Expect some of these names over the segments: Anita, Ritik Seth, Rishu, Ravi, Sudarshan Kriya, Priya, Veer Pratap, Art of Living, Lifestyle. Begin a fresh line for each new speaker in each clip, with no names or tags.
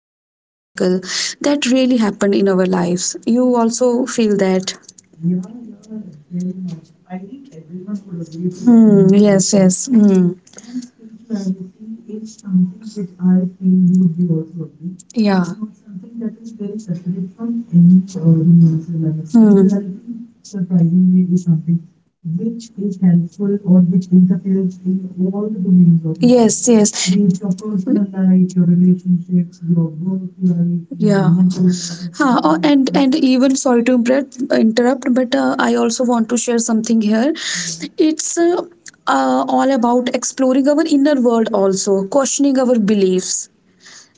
you can say miracle that really happened in our lives you also feel that. Hmm,
Yeah, yeah, very much. I think everyone would agree to what you had
yes,
just said.
yes. Hmm.
And spirituality is something which I feel you would be also agreeing.
Yeah.
It's not something that is very separate from any domain of your life.
Hmm.
Spirituality, surprisingly, is something which is helpful or which interferes in all the domains of your
Yes,
life,
yes.
be it your personal life, your relationships, your work life, your
Yeah.
mental health, your
Huh,
physical
oh,
health, right?
and even sorry to interrupt but I also want to share something here.
Yeah, yeah.
It's all about exploring our inner world also, questioning our beliefs.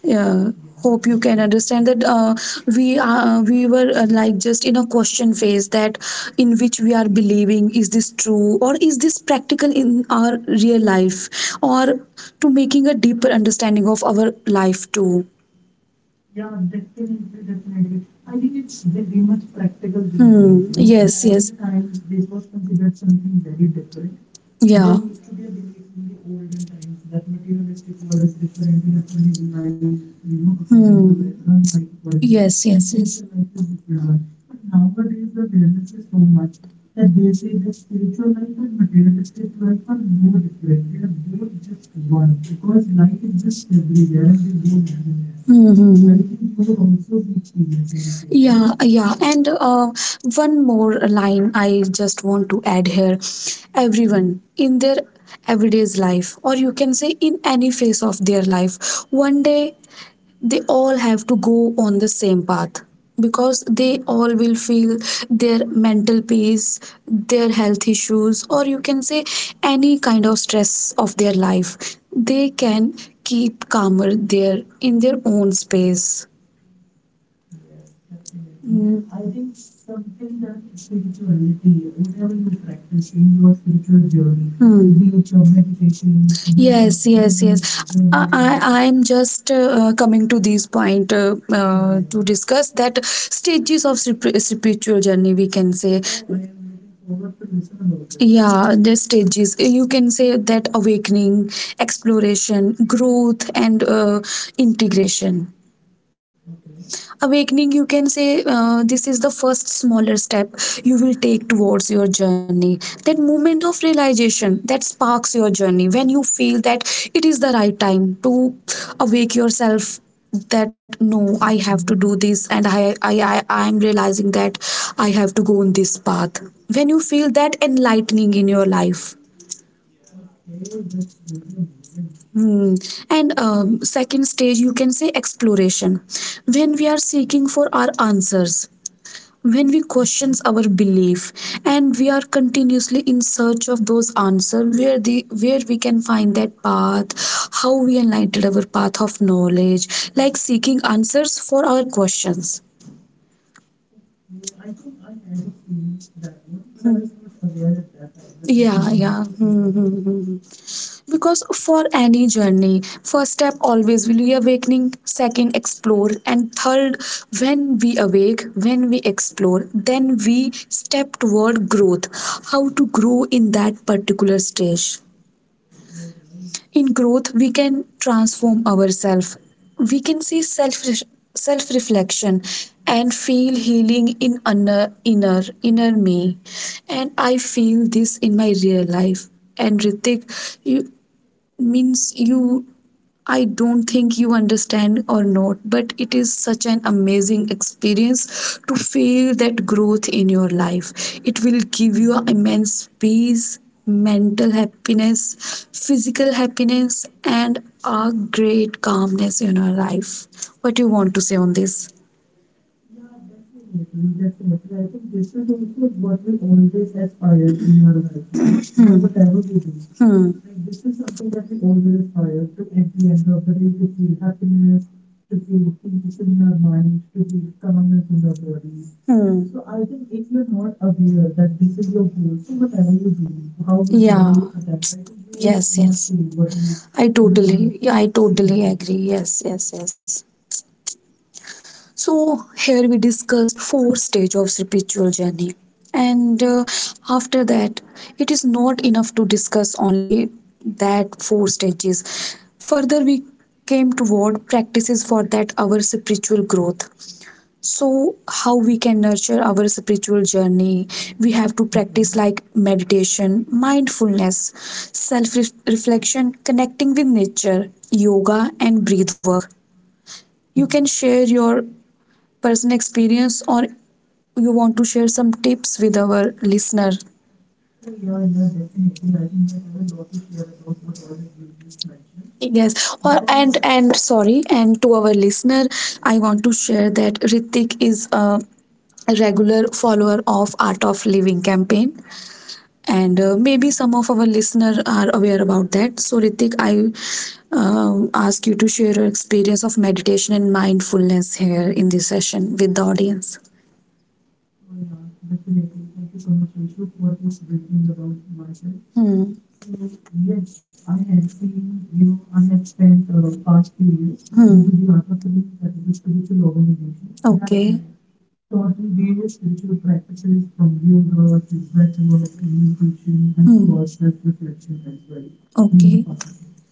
Yeah,
Yeah,
hope you can
definitely.
understand that we were like just in a question phase that in which we are believing is this true or is this practical in our real life or to making a deeper understanding of our life too.
Yeah, definitely, definitely. I think it's very much practical these days. You know, back in the times, this was considered something very different. There used to be a belief in the olden times that materialistic world is different. You have to live life according to it, run life according to it,
Yes,
and
yes.
spiritual life is different one. But nowadays, the awareness is so much that they say that spiritual life and materialistic life are no different. They are both just one because life exists everywhere and they go
Mm-hmm.
hand in hand.
I.
I think you
Mm-hmm.
would also be experiencing the same, right?
Yeah, yeah. And one more line I just want to add here. Everyone in their everyday's life, or you can say in any phase of their life, one day they all have to go on the same path because they all will feel their mental peace their health issues or you can say any kind of stress of their life they can keep calmer there in their own space.
Yes,
Yes.
definitely.
Mm.
I think something that spirituality, whatever you practice in your spiritual journey, be
Hmm.
it your meditations, be it your
Yes, yes, yes.
journal
I, journaling,
journaling.
I I'm just coming to this point
Yeah,
to
yeah.
discuss that stages of spiritual journey. We can say
Oh,
I
I am
am,
looking forward to listen about it.
yeah, the stages you can say that awakening, exploration, growth, and integration.
Okay.
Awakening, you can say this is the first smaller step you will take towards your journey, that moment of realization that sparks your journey when you feel that it is the right time to awake yourself, that no, I have to
Okay.
do this and I am realizing that I have to go on this path, when you feel that enlightening in your life.
Okay, that's really amazing.
Hmm. And second stage, you can say exploration. When we are seeking for our answers, when we
All right.
questions our belief and we are continuously in search of those answers where the where we can find that path how we enlightened our path of knowledge, like seeking answers for our questions.
Okay, I think I had experienced that one, but I was not aware at that time that this
Yeah,
is one
yeah,
of the phase
hmm.
of journey.
Because for any journey, first step always will be awakening, second explore, and third, when we awake, when we explore, then we step toward growth, how to grow in that particular stage.
All right.
In growth we can transform ourselves, we can see self, self reflection, and feel healing in inner me, and I feel this in my real life. And Ritik, you, means you, I don't think you understand or not, but it is such an amazing experience to feel that growth in your life. It will give you
Yes.
immense peace, mental happiness, physical happiness, and a great calmness in your life. What do you want to say on this?
Yeah, definitely, definitely. I think this is also what we always aspire in our life, you know, by whatever we do.
Hmm.
Like, this is something that we always aspire to at the end of the day to feel happiness, to feel peace in your mind, to feel calmness in your body.
Hmm.
So, I think if you're not aware that this is your goal, so whatever you do, how much ever
Yeah.
you attempt, I think you are- do
Yes,
not
yes.
feel what you,
I
you know, are
totally, yeah, I totally
seeking.
agree. Yes, yes, yes. So here we discussed four stage of spiritual journey, and after that, it is not enough to discuss only that four stages. Further, we came toward practices for that our spiritual growth, so how we can nurture our spiritual journey. We have to
Okay.
practice like meditation, mindfulness, self reflection, connecting with nature, yoga, and breath work. You can share
Hmm.
your personal experience, or you want to share some tips with our listener?
Oh, yeah, yeah, definitely. I think I have a lot to share about what all that you just mentioned.
Yes, or
Because,
and sorry, and to our listener, I want to share that Ritik is a regular follower of Art of Living campaign, and maybe some of our listener are aware about that. So Ritik, I ask you to share your experience of meditation and mindfulness here in this session with the audience.
oh, yeah, definitely. Thank you so much, Rishu, for this briefing about myself.
Hmm.
So yes, I had been, you know, I had spent past few
Hmm.
years into the Art of Living, that is a spiritual organization that
Okay, have.
had taught me various spiritual practices from yoga to breath work to meditation and of course
Hmm.
self-reflection as well, being a
Okay.
part of it.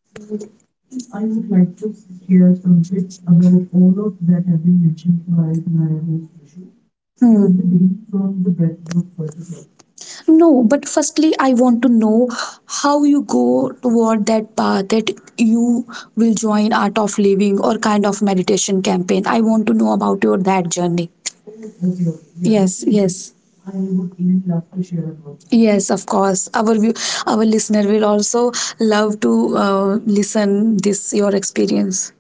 So if I would like to share some bits about all of that had been mentioned by my host Rishu, I would be
Hmm.
beginning from the breath work first of all.
No, but firstly, I want to know how you go toward that path that you will join Art of Living or kind of meditation campaign. I want to know about your that journey.
Oh, okay, okay. Yeah,
Yes,
definitely.
yes,
I would even love to share about that.
yes. Of course, our view, our listener will also love to listen this your experience.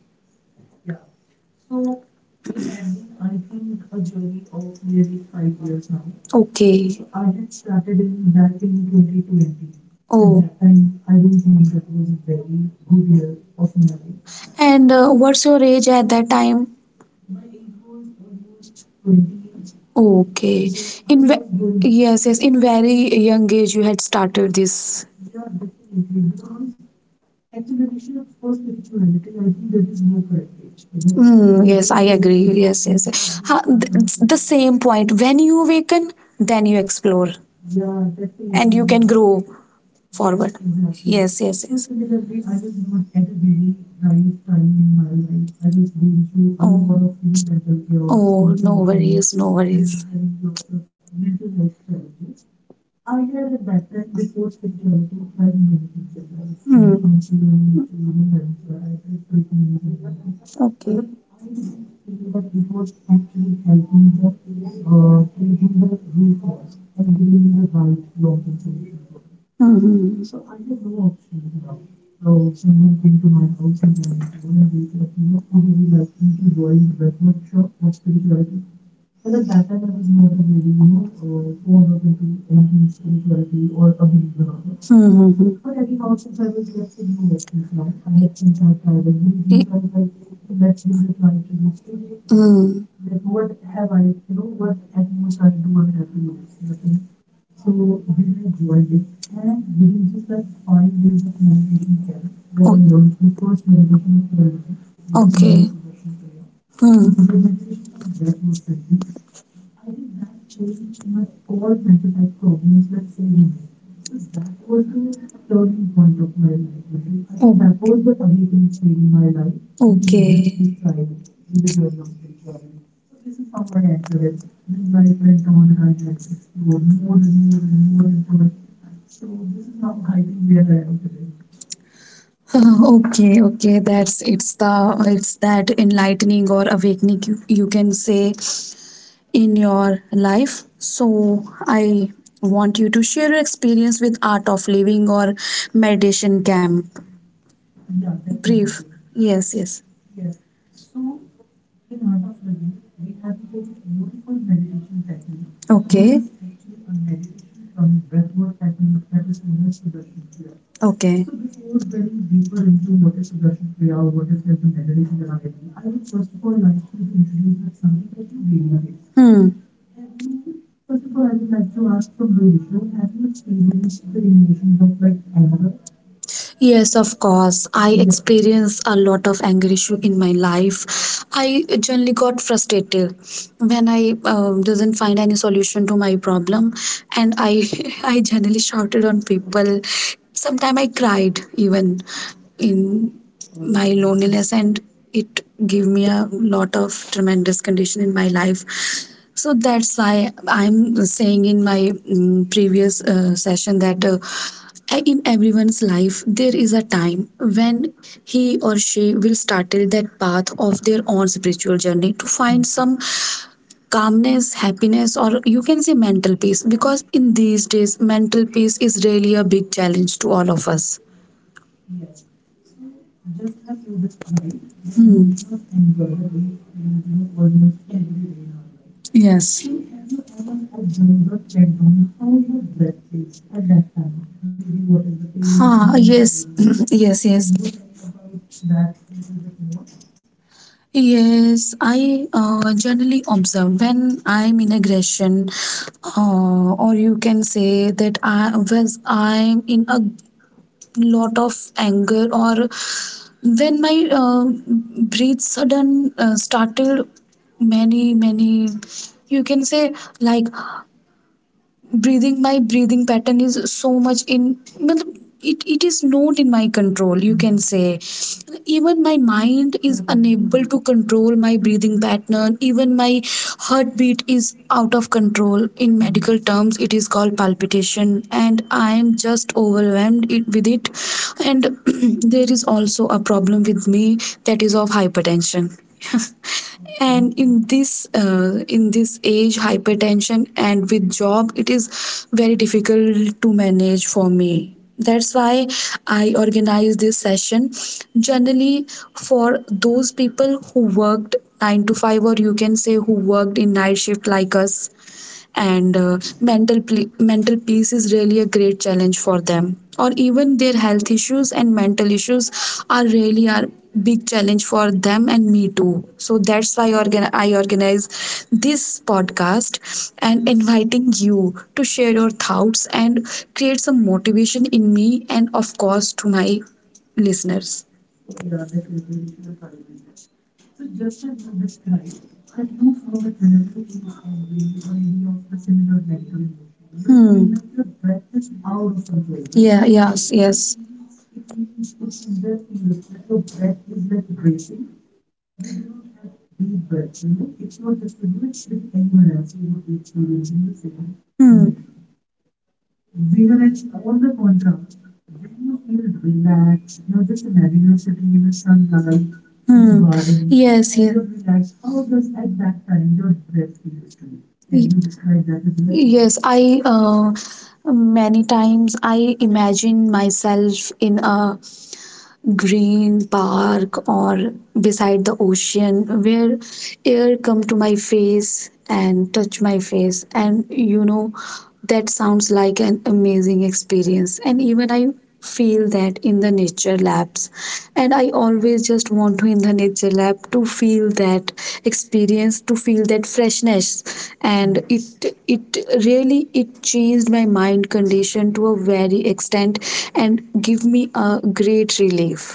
Yeah. So it had been, I think, a journey of nearly 5 years now.
Okay.
So I had started in back in 2020. At
Oh,
that time, I don't think that was a very good year of my life.
and what's your age at that time?
My age was almost 20 years.
Okay.
So I
In
was going.
yes, yes, in very young age you had started this.
Yeah, definitely. Because actually, Rishu, for spirituality, I think there is no correct age. You know,
Mm, yes,
people
I
say that
agree. Yes,
you
yes,
should
yes.
be
Ha,
starting at
the
later.
same point. When you awaken, then you explore
Yeah,
and
definitely.
you can
Yeah,
grow.
yes,
Forward.
exactly.
Yes, yes,
So,
yes.
similarly, I was not at a very right time in my life. I was going through a lot
Oh,
of, you know, mental chaos,
oh, no worries,
confusion,
no worries.
and having lots of mental health challenges. I had at that time, before spirituality, tried many things in life from counseling to, you know, having psychiatric treatments and everything.
Okay.
But I didn't feel that it was actually helping the, treating the root cause and giving me the right long term solution for it. So I had no option now. So someone came to my house and rang the door and they said, you know, would you be liking to join the breath
Mm-hmm.
workshop of spirituality? Well, at that time I was not a very, you know, fond of into anything spirituality or a believer of it.
Hmm, hmm,
But anyhow,
hmm.
since I was left with no options now, I had since I had tried
ये-
everything, so I was like, let's give it a try to this too,
hmm,
like, what have I, you know, what at most I do, I have to lose nothing. So then I joined it and within just that 5 days of meditation camp where I learned the first meditation of my life, which is known as Sudarshan Kriya, which is
hmm.
a meditation cum breathwork technique. I think that changed my all mental health problems like overnight. So that was the turning point of my life, Rishu. I think that was the awakening stage in my life that you had just described in the journey of spirituality. So this is how I entered it. Then life went on and I had explored more and more and more into it. So this is how I think where I am today.
Ah, okay, okay, that's, it's, the it's that enlightening or awakening you, you can say in your life. So I want you to share your experience with Art of Living or meditation camp.
Yeah,
Brief.
definitely.
Yes, yes.
Yes. So, in Art of Living, we have a very beautiful meditation technique, which
Okay.
is actually a
Okay.
meditation come breathwork technique that is known as Sudarshan Kriya. So, before dwelling deeper into what is Sudarshan Kriya, what is like the meditation that I do, I would first of all like you to introduce with something that you daily face.
Hmm.
Have you, first of all, I would like to ask from your issue, have you experienced the emotions of like anger?
Yes, of course. I
Yeah.
experienced a lot of anger issue in my life. I generally got frustrated when I didn't find any solution to my problem, and I I generally shouted on
Oh,
people. Sometimes I cried even in
all
my
right.
loneliness
All.
and it gave me a lot of tremendous condition in my life. So that's why I'm saying in my previous session that in everyone's life there is a time when he or she will startle that path of their own spiritual journey to find some
Hmm.
calmness, happiness, or you can say mental peace, because in these days mental peace is really a big challenge to all of us.
Yes. So
Just
just
a
have
few
you
bits, right.
described the
Hmm.
emotion of anger that we feel, you know, almost every day in our life.
Yes.
So have you ever observed or checked on how your breath is at that time? Maybe what is the pace,
Ah,
how you're
yes.
breathing?
Yes,
Can
yes.
you tell about that a little bit more?
Yes, I generally observe when I'm in aggression, or you can say that I'm in a lot of anger, or when my breath sudden started, many you can say, like breathing, my breathing pattern is so much in, matlab, it is not in my control, you can
Hmm.
say. Even my mind is
Totally
unable
agree.
to control my breathing pattern, even my heartbeat is out of control. In medical
Yes.
terms it is called palpitation and I am just overwhelmed with it. And there is also a problem with me, that is of hypertension and
Okay.
in this age hypertension and with job it is very difficult to manage for me. That's why I organized this session generally for those people who worked 9 to 5 or you can say who worked in night shift like us, and mental peace is really a great challenge for them, or even their health issues and mental issues are really are big challenge for them and me too. So that's why I organize this podcast and inviting you to share your thoughts and create some motivation in me and of course to my listeners.
Oh yeah, definitely, Rishu. I'll try my best. So just have you described that you feel that whenever you feel angry or any of the similar negative emotion, you feel
Hmm.
like your breath is out of control, right?
Yeah, yes,
It
yes.
means it means it somewhere feels that your breath is like racing. You do not have deep breaths, you know? It's not just with you, it's with anyone else who would be experiencing the same
Hmm.
emotion. Whereas, on the contrast, when you feel relaxed, now just imagine you are sitting in a sunlight, in a garden,
Yes.
and you are relaxed. How does at that time your breath feels to you? Can you describe that as well?
Yes, I many times I imagine myself in a green park or beside the ocean where air come to my face and touch my face, and you know that sounds like an amazing experience. And even I feel that in the nature labs, yes, and I always just want to in the nature lab to feel that experience, to feel that freshness, and
Yes.
it really it changed my mind condition to a very extent and give me a great relief.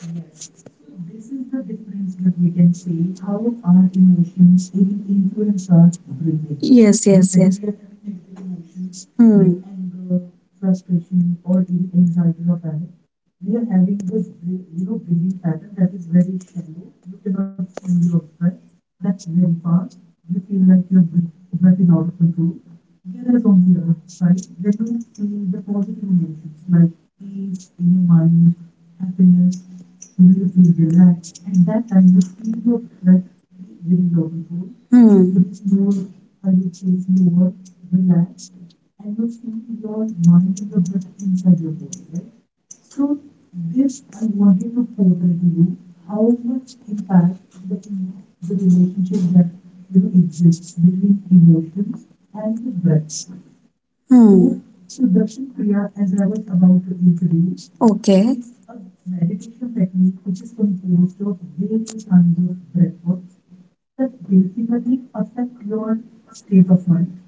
Yes, so this is the difference that we can see how our emotions even influence our breathing.
Yes.
Whenever we are having negative emotions like
Hmm.
anger, frustration, or even anxiety or panic, we are having the breathing pattern that is very shallow. You cannot feel your breath. That's very fast. You feel like your breath is out of control. Whereas on the other side, when you feel the positive emotions like peace in your mind, happiness, you feel relaxed. At that time you feel your breath within your control.
Hmm.
It is more, I would say, slower, relaxed, and you feel your mind and your breath inside your body, right? So, this I wanted to portray to you how much impact the relationship that exists between emotions and the breaths. So,
Hmm.
Sudarshan Kriya, as I was about to
So,
introduce,
okay.
is a meditation technique which is composed of various kinds of breath works that basically affect your state of mind.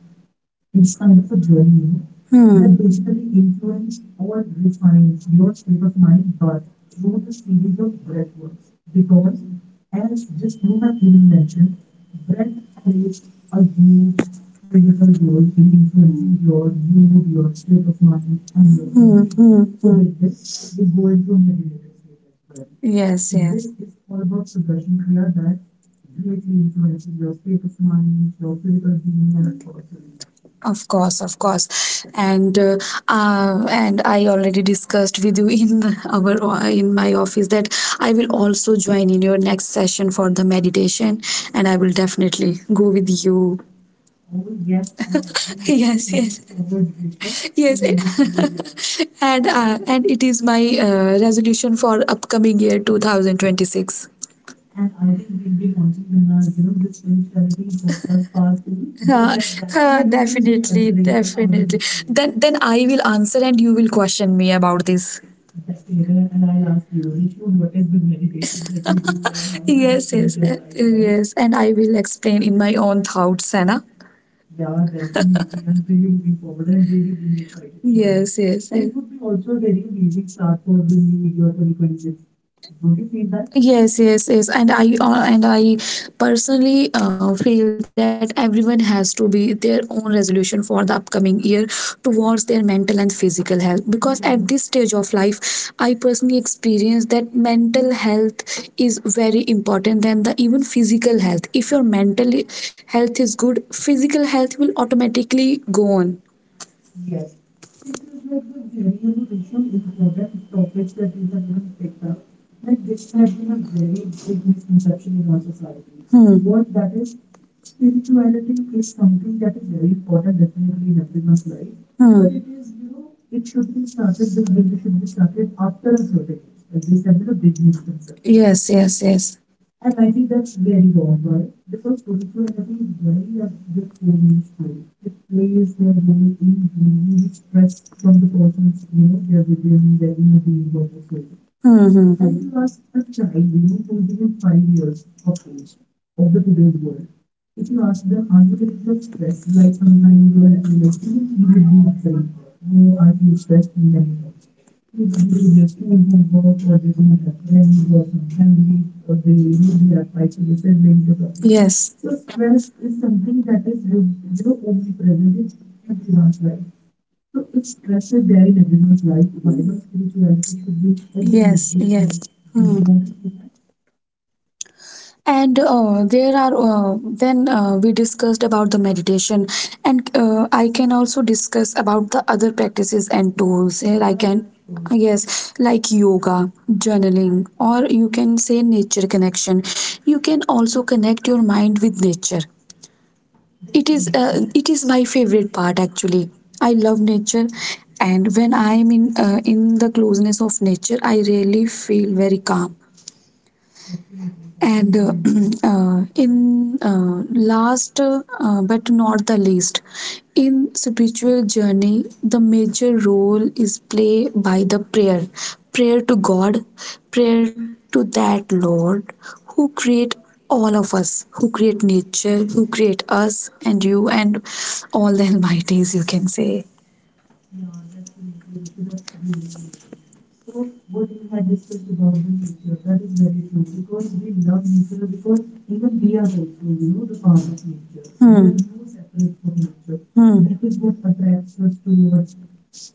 It's kind of a journey, you know,
Hmm.
that basically influence or refines your state of mind, but through the series of breath works. Because, as just you have even mentioned, breath plays a huge pivotal role in influencing your mood, your state of mind, and your emotions.
Hmm.
So, with this, we go into a meditative state as well.
Yes.
This is all about Sudarshan Kriya that greatly influences your state of mind, your physical being, and of course, your emotions.
Of course, and I already discussed with you in our in my office that I will also join in your next session for the meditation, and I will definitely go with you.
Oh,
Yes,
yes, I had been actually looking forward, Rishu,
yes, yes,
to even see you there.
and it is my resolution for upcoming year 2026.
And I think we'll be launching then this spirituality podcast part two, where that time you will be
Definitely.
answering, like, how does it feel?
Then I will answer and you will question me about this.
Definitely. And I'll ask you, Rishu, what is the meditation that you do and how does
Yes,
it
yes,
change your life?
yes. And I will explain in my own thoughts, Anna.
Yeah, definitely. I'm really looking forward. I'm really being excited for it.
Yes, yes.
It would be also a very amazing start for the new year 2026. Don't you feel that?
Yes, yes, yes. And I personally feel that everyone has to be their own resolution for the upcoming year towards their mental and physical health, because at this
Yes.
stage of life I personally experienced that mental health is very important than the even physical health. If your mental health is good, physical health will automatically go on.
Yes, this is like the very, Rishu, important topics that you have even picked up. Like, this had been a very big misconception in our society. What that is, spirituality is something that is very important definitely in everyone's life.
Hmm.
But it is, it should be started. This journey should be started after a certain age. Like, this had been a big
Yes,
misconception.
yes, yes.
And I think that's very wrong. Why? Because spirituality very at their foremost role. They plays their role in releasing the stress from the persons, you know, they're within their inner being or their soul.
Hmm,
And if you
hmm.
ask a child, you know, who is even 5 years of age of the today's world, if you ask them, are you living a stressed life sometimes or a happy life? Even he would be answering that, no, I feel stressed many times. Maybe due to their school homework, or they don't have friends, or some family, they, you know, they have fights with their siblings or something.
Yes.
So stress is something that is, you know, omnipresent in everyone's life. So if stress
So
is there in everyone's life, why not spirituality should be in every age
yes,
group's
yes.
life? Do,
Hmm.
don't you feel that?
And there are then We discussed about the meditation, and I can also discuss about the other practices and tools. Here I
Yeah,
can,
yeah, sure.
yes, like yoga, journaling, or you can say nature connection. You can also connect your mind with nature. it is uh,
Definitely.
it is my favorite part, actually. I love nature, and when I am in in the closeness of nature, I really feel very calm.
Definitely,
And
definitely.
in last but not the least, in spiritual journey, the major role is played by the prayer. Prayer to God, prayer to that Lord who create all of us, who create nature, who create us and you and all the almighties, you can say.
Yeah, definitely, Rishu. That's really amazing. So, what you had discussed about the nature, that is very true, because we love nature, because even we are also, you know, the part of nature. We are no separate from nature.
Hmm.
That is what attracts us towards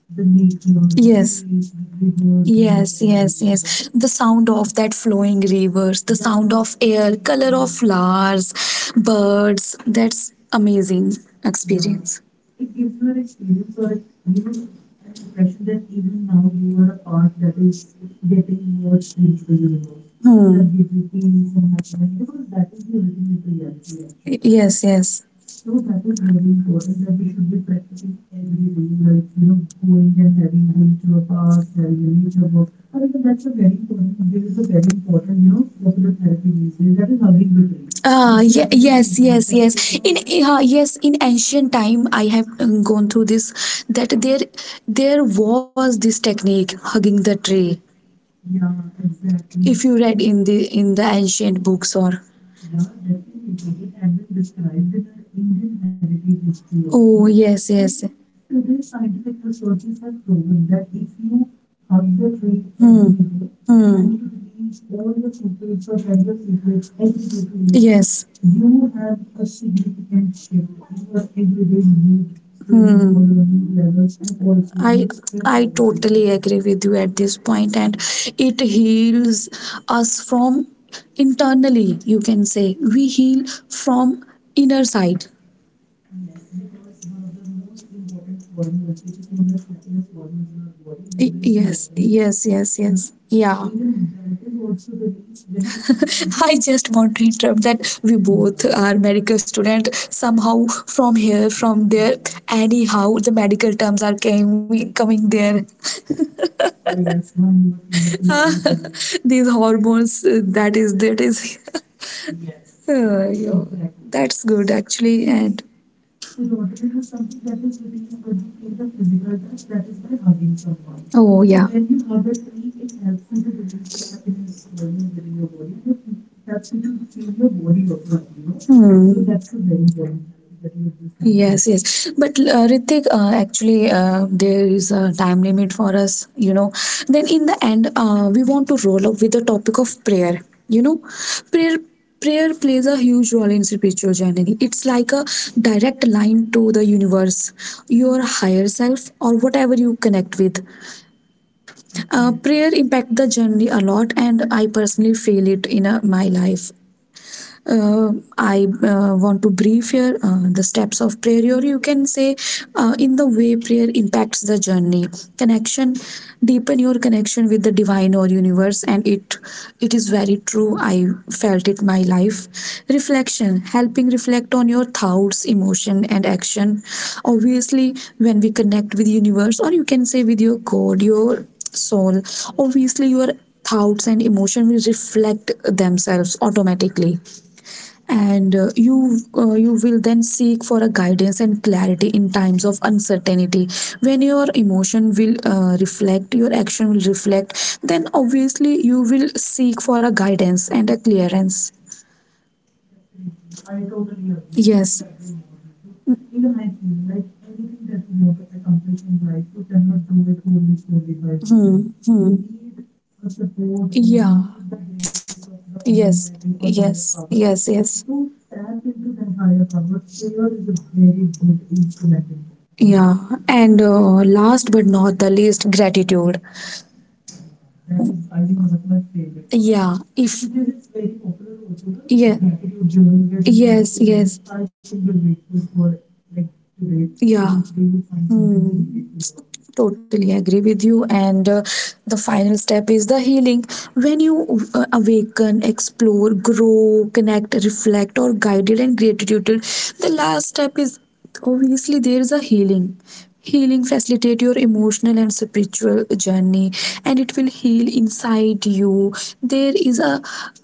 the nature, the trees, the rivers, the water
Yes,
bodies,
yes.
right?
The sound of that flowing rivers, the sound
Yeah,
of air, color of
exactly.
flowers, birds. That's amazing
Yeah, it gives you an experience or an impression that even now you are a part that is getting merged into the universe. So that gives you peace and happiness, because that is the ultimate reality
actually.
actually.
Yes, yes.
So that is very important that we should be practicing every day, like, you know, going and having going to a park, having a nature walk, or even that's a very important. There is a very important, you know, popular therapy these days that is hugging a tree
Ah,
and
yeah.
sharing your
Yes,
secret.
yes,
Have you
yes.
heard
In
about that?
uh, yes, in ancient time, I have gone through this. There was this technique hugging the tree.
Yeah,
If
exactly.
you read in the ancient books or
Yeah, definitely. It had been described in her Indian heritage history
oh
also.
yes
And
yes.
even today's scientific researches have proven that if you hug the tree every day
Hmm.
and you release all your secrets or tell your secrets every day to him,
Yes.
you
Hmm.
have a significant shift in your everyday mood swings or your mood levels, and also in
I
the stress
I
hormones.
totally agree with you at this point, and
Yeah.
it heals us from internally. You can say we heal from inner side.
Yes, because one of the most important hormones, which is known as happiness hormones in our body, known as
Yes,
serotonin,
yes, yes,
है
yes.
ना? So
Yeah.
even that is also released when you feel
I
the.
just want to interrupt that we both
Yeah,
are medical student. Somehow from here, from there,
yes.
anyhow, the medical terms are coming there.
Oh, yes. One more thing that we have in common.
These hormones, that is, that is.
Yeah,
Yeah.
exactly.
That's good actually. And
Serotonin is something that is released when you feel the physical touch, that is by hugging someone.
oh,
So,
yeah.
when you hug a tree, it helps you to release the happiness hormones within your body, and it helps you to feel your body also happy, you know. So, that's a very important therapy that you had just
Yes,
mentioned.
yes. But Ritik, actually, there is a time limit for us, you know. Then in the end, we want to roll up with the topic of prayer. You know, prayer prayer plays a huge role in spiritual journey. It's like a direct line to the universe, your higher self, or whatever you connect with. Prayer
Definitely.
impact the journey a lot, and I personally feel it in my life. Uh, I uh, want to brief here the steps of prayer, or you can say, in the way prayer impacts the journey. Connection, deepen your connection with the divine or universe, and it is very true. I felt it my life. Reflection, helping reflect on your thoughts, emotion, and action. Obviously, when we connect with universe, or you can say with your God, your soul, obviously your thoughts and emotion will reflect themselves automatically. And you You will then seek for a guidance and clarity in times of uncertainty. When your emotion will reflect, your action will reflect, then obviously you will seek for a guidance and a clearance.
Definitely. I totally agree. I
Yes,
couldn't agree more, Rishu. Even I feel like anything that you want to accomplish in life, you cannot do it wholly solely by yourself.
hmm. Hmm.
You need a support, or you
Yeah,
need the grace of the
yes,
Almighty or
yes,
higher power.
yes, yes.
And to tap into that higher power, prayer is a very good instrument in that, you know.
Yeah, and last but not the least, gratitude.
Yeah, that is I think one of my favorite parts.
Yeah, if
These days, it's very popular also, no? Like
yeah,
gratitude journal, where you have to
yes,
write down
yes,
five things you're grateful for, like today. So
yeah.
each day you find something to be
Hmm.
grateful about.
Totally agree with you. And The final step is the healing. When you awaken, explore, grow, connect, reflect, or guided and gratitude, the last step is obviously there is a healing. Healing facilitate your emotional and spiritual journey, and it will heal inside you. There is a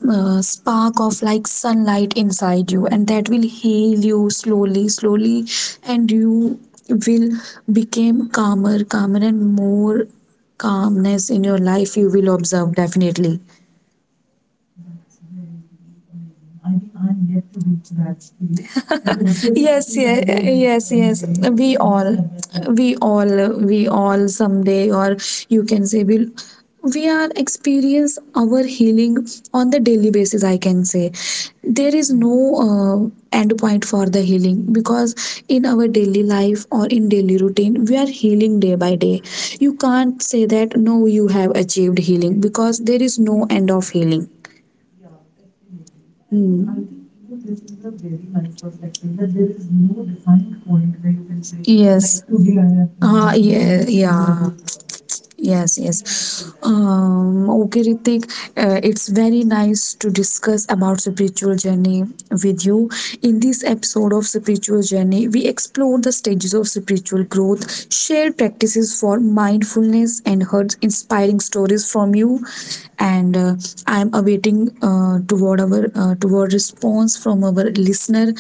spark of like sunlight inside you, and that will heal you slowly slowly, and you will become calmer calmer, and more calmness in your life you will observe definitely.
That's very amazing. I think I'm yet to reach that stage, and hopefully, I
Yes
think I
yes
will reach
yes yes.
someday. You know, if
we
we go
all
step by step.
we all we all someday, or you can say, we are experience our healing on the daily basis, I can say. There is no
Yeah.
uh, end point for the healing, because in our daily life or in daily routine we are healing day by day. You can't say that no you have achieved healing, because there is no end of healing.
Yeah, definitely.
Hmm.
I think even this is a very nice perspective that there is no defined point where you can say, like, today I have healed or
Ah,
something.
yeah, this
It's a
yeah.
gradual process.
Yes,
Even I
yes.
feel that.
Okay, Ritik, it's very nice to discuss about spiritual journey with you. In this episode of spiritual journey, we explore the stages of spiritual growth, share practices for mindfulness, and heard inspiring stories from you. And I'm awaiting toward response from our listener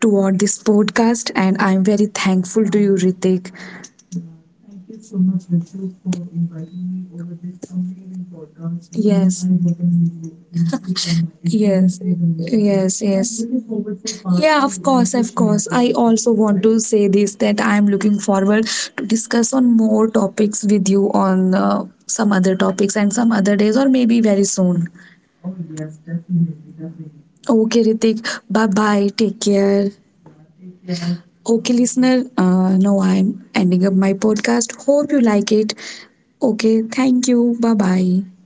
toward this podcast. And I'm very thankful to
Uh,
you, Ritik.
thank
Yeah.
you so much, Rishu, for inviting me over this amazing podcast where even
Yes.
I got an amazing opportunity to share my
Yes. Experience.
experiences and insights.
Yes.
And I'm
Yes.
looking forward for part
Yeah, of
two where
course, to
you
of share course.
shared
I
your
this. Also
experiences,
want
right?
to say this that I am looking forward to discuss on more topics with you on some other topics and some other days, or maybe very soon.
Oh, yes, definitely, definitely.
Okay, Ritik. Bye bye. Take care.
Take care.
Okay,
Okay.
listener, now I'm ending up my podcast. Hope you like it. Okay, thank you. Bye bye.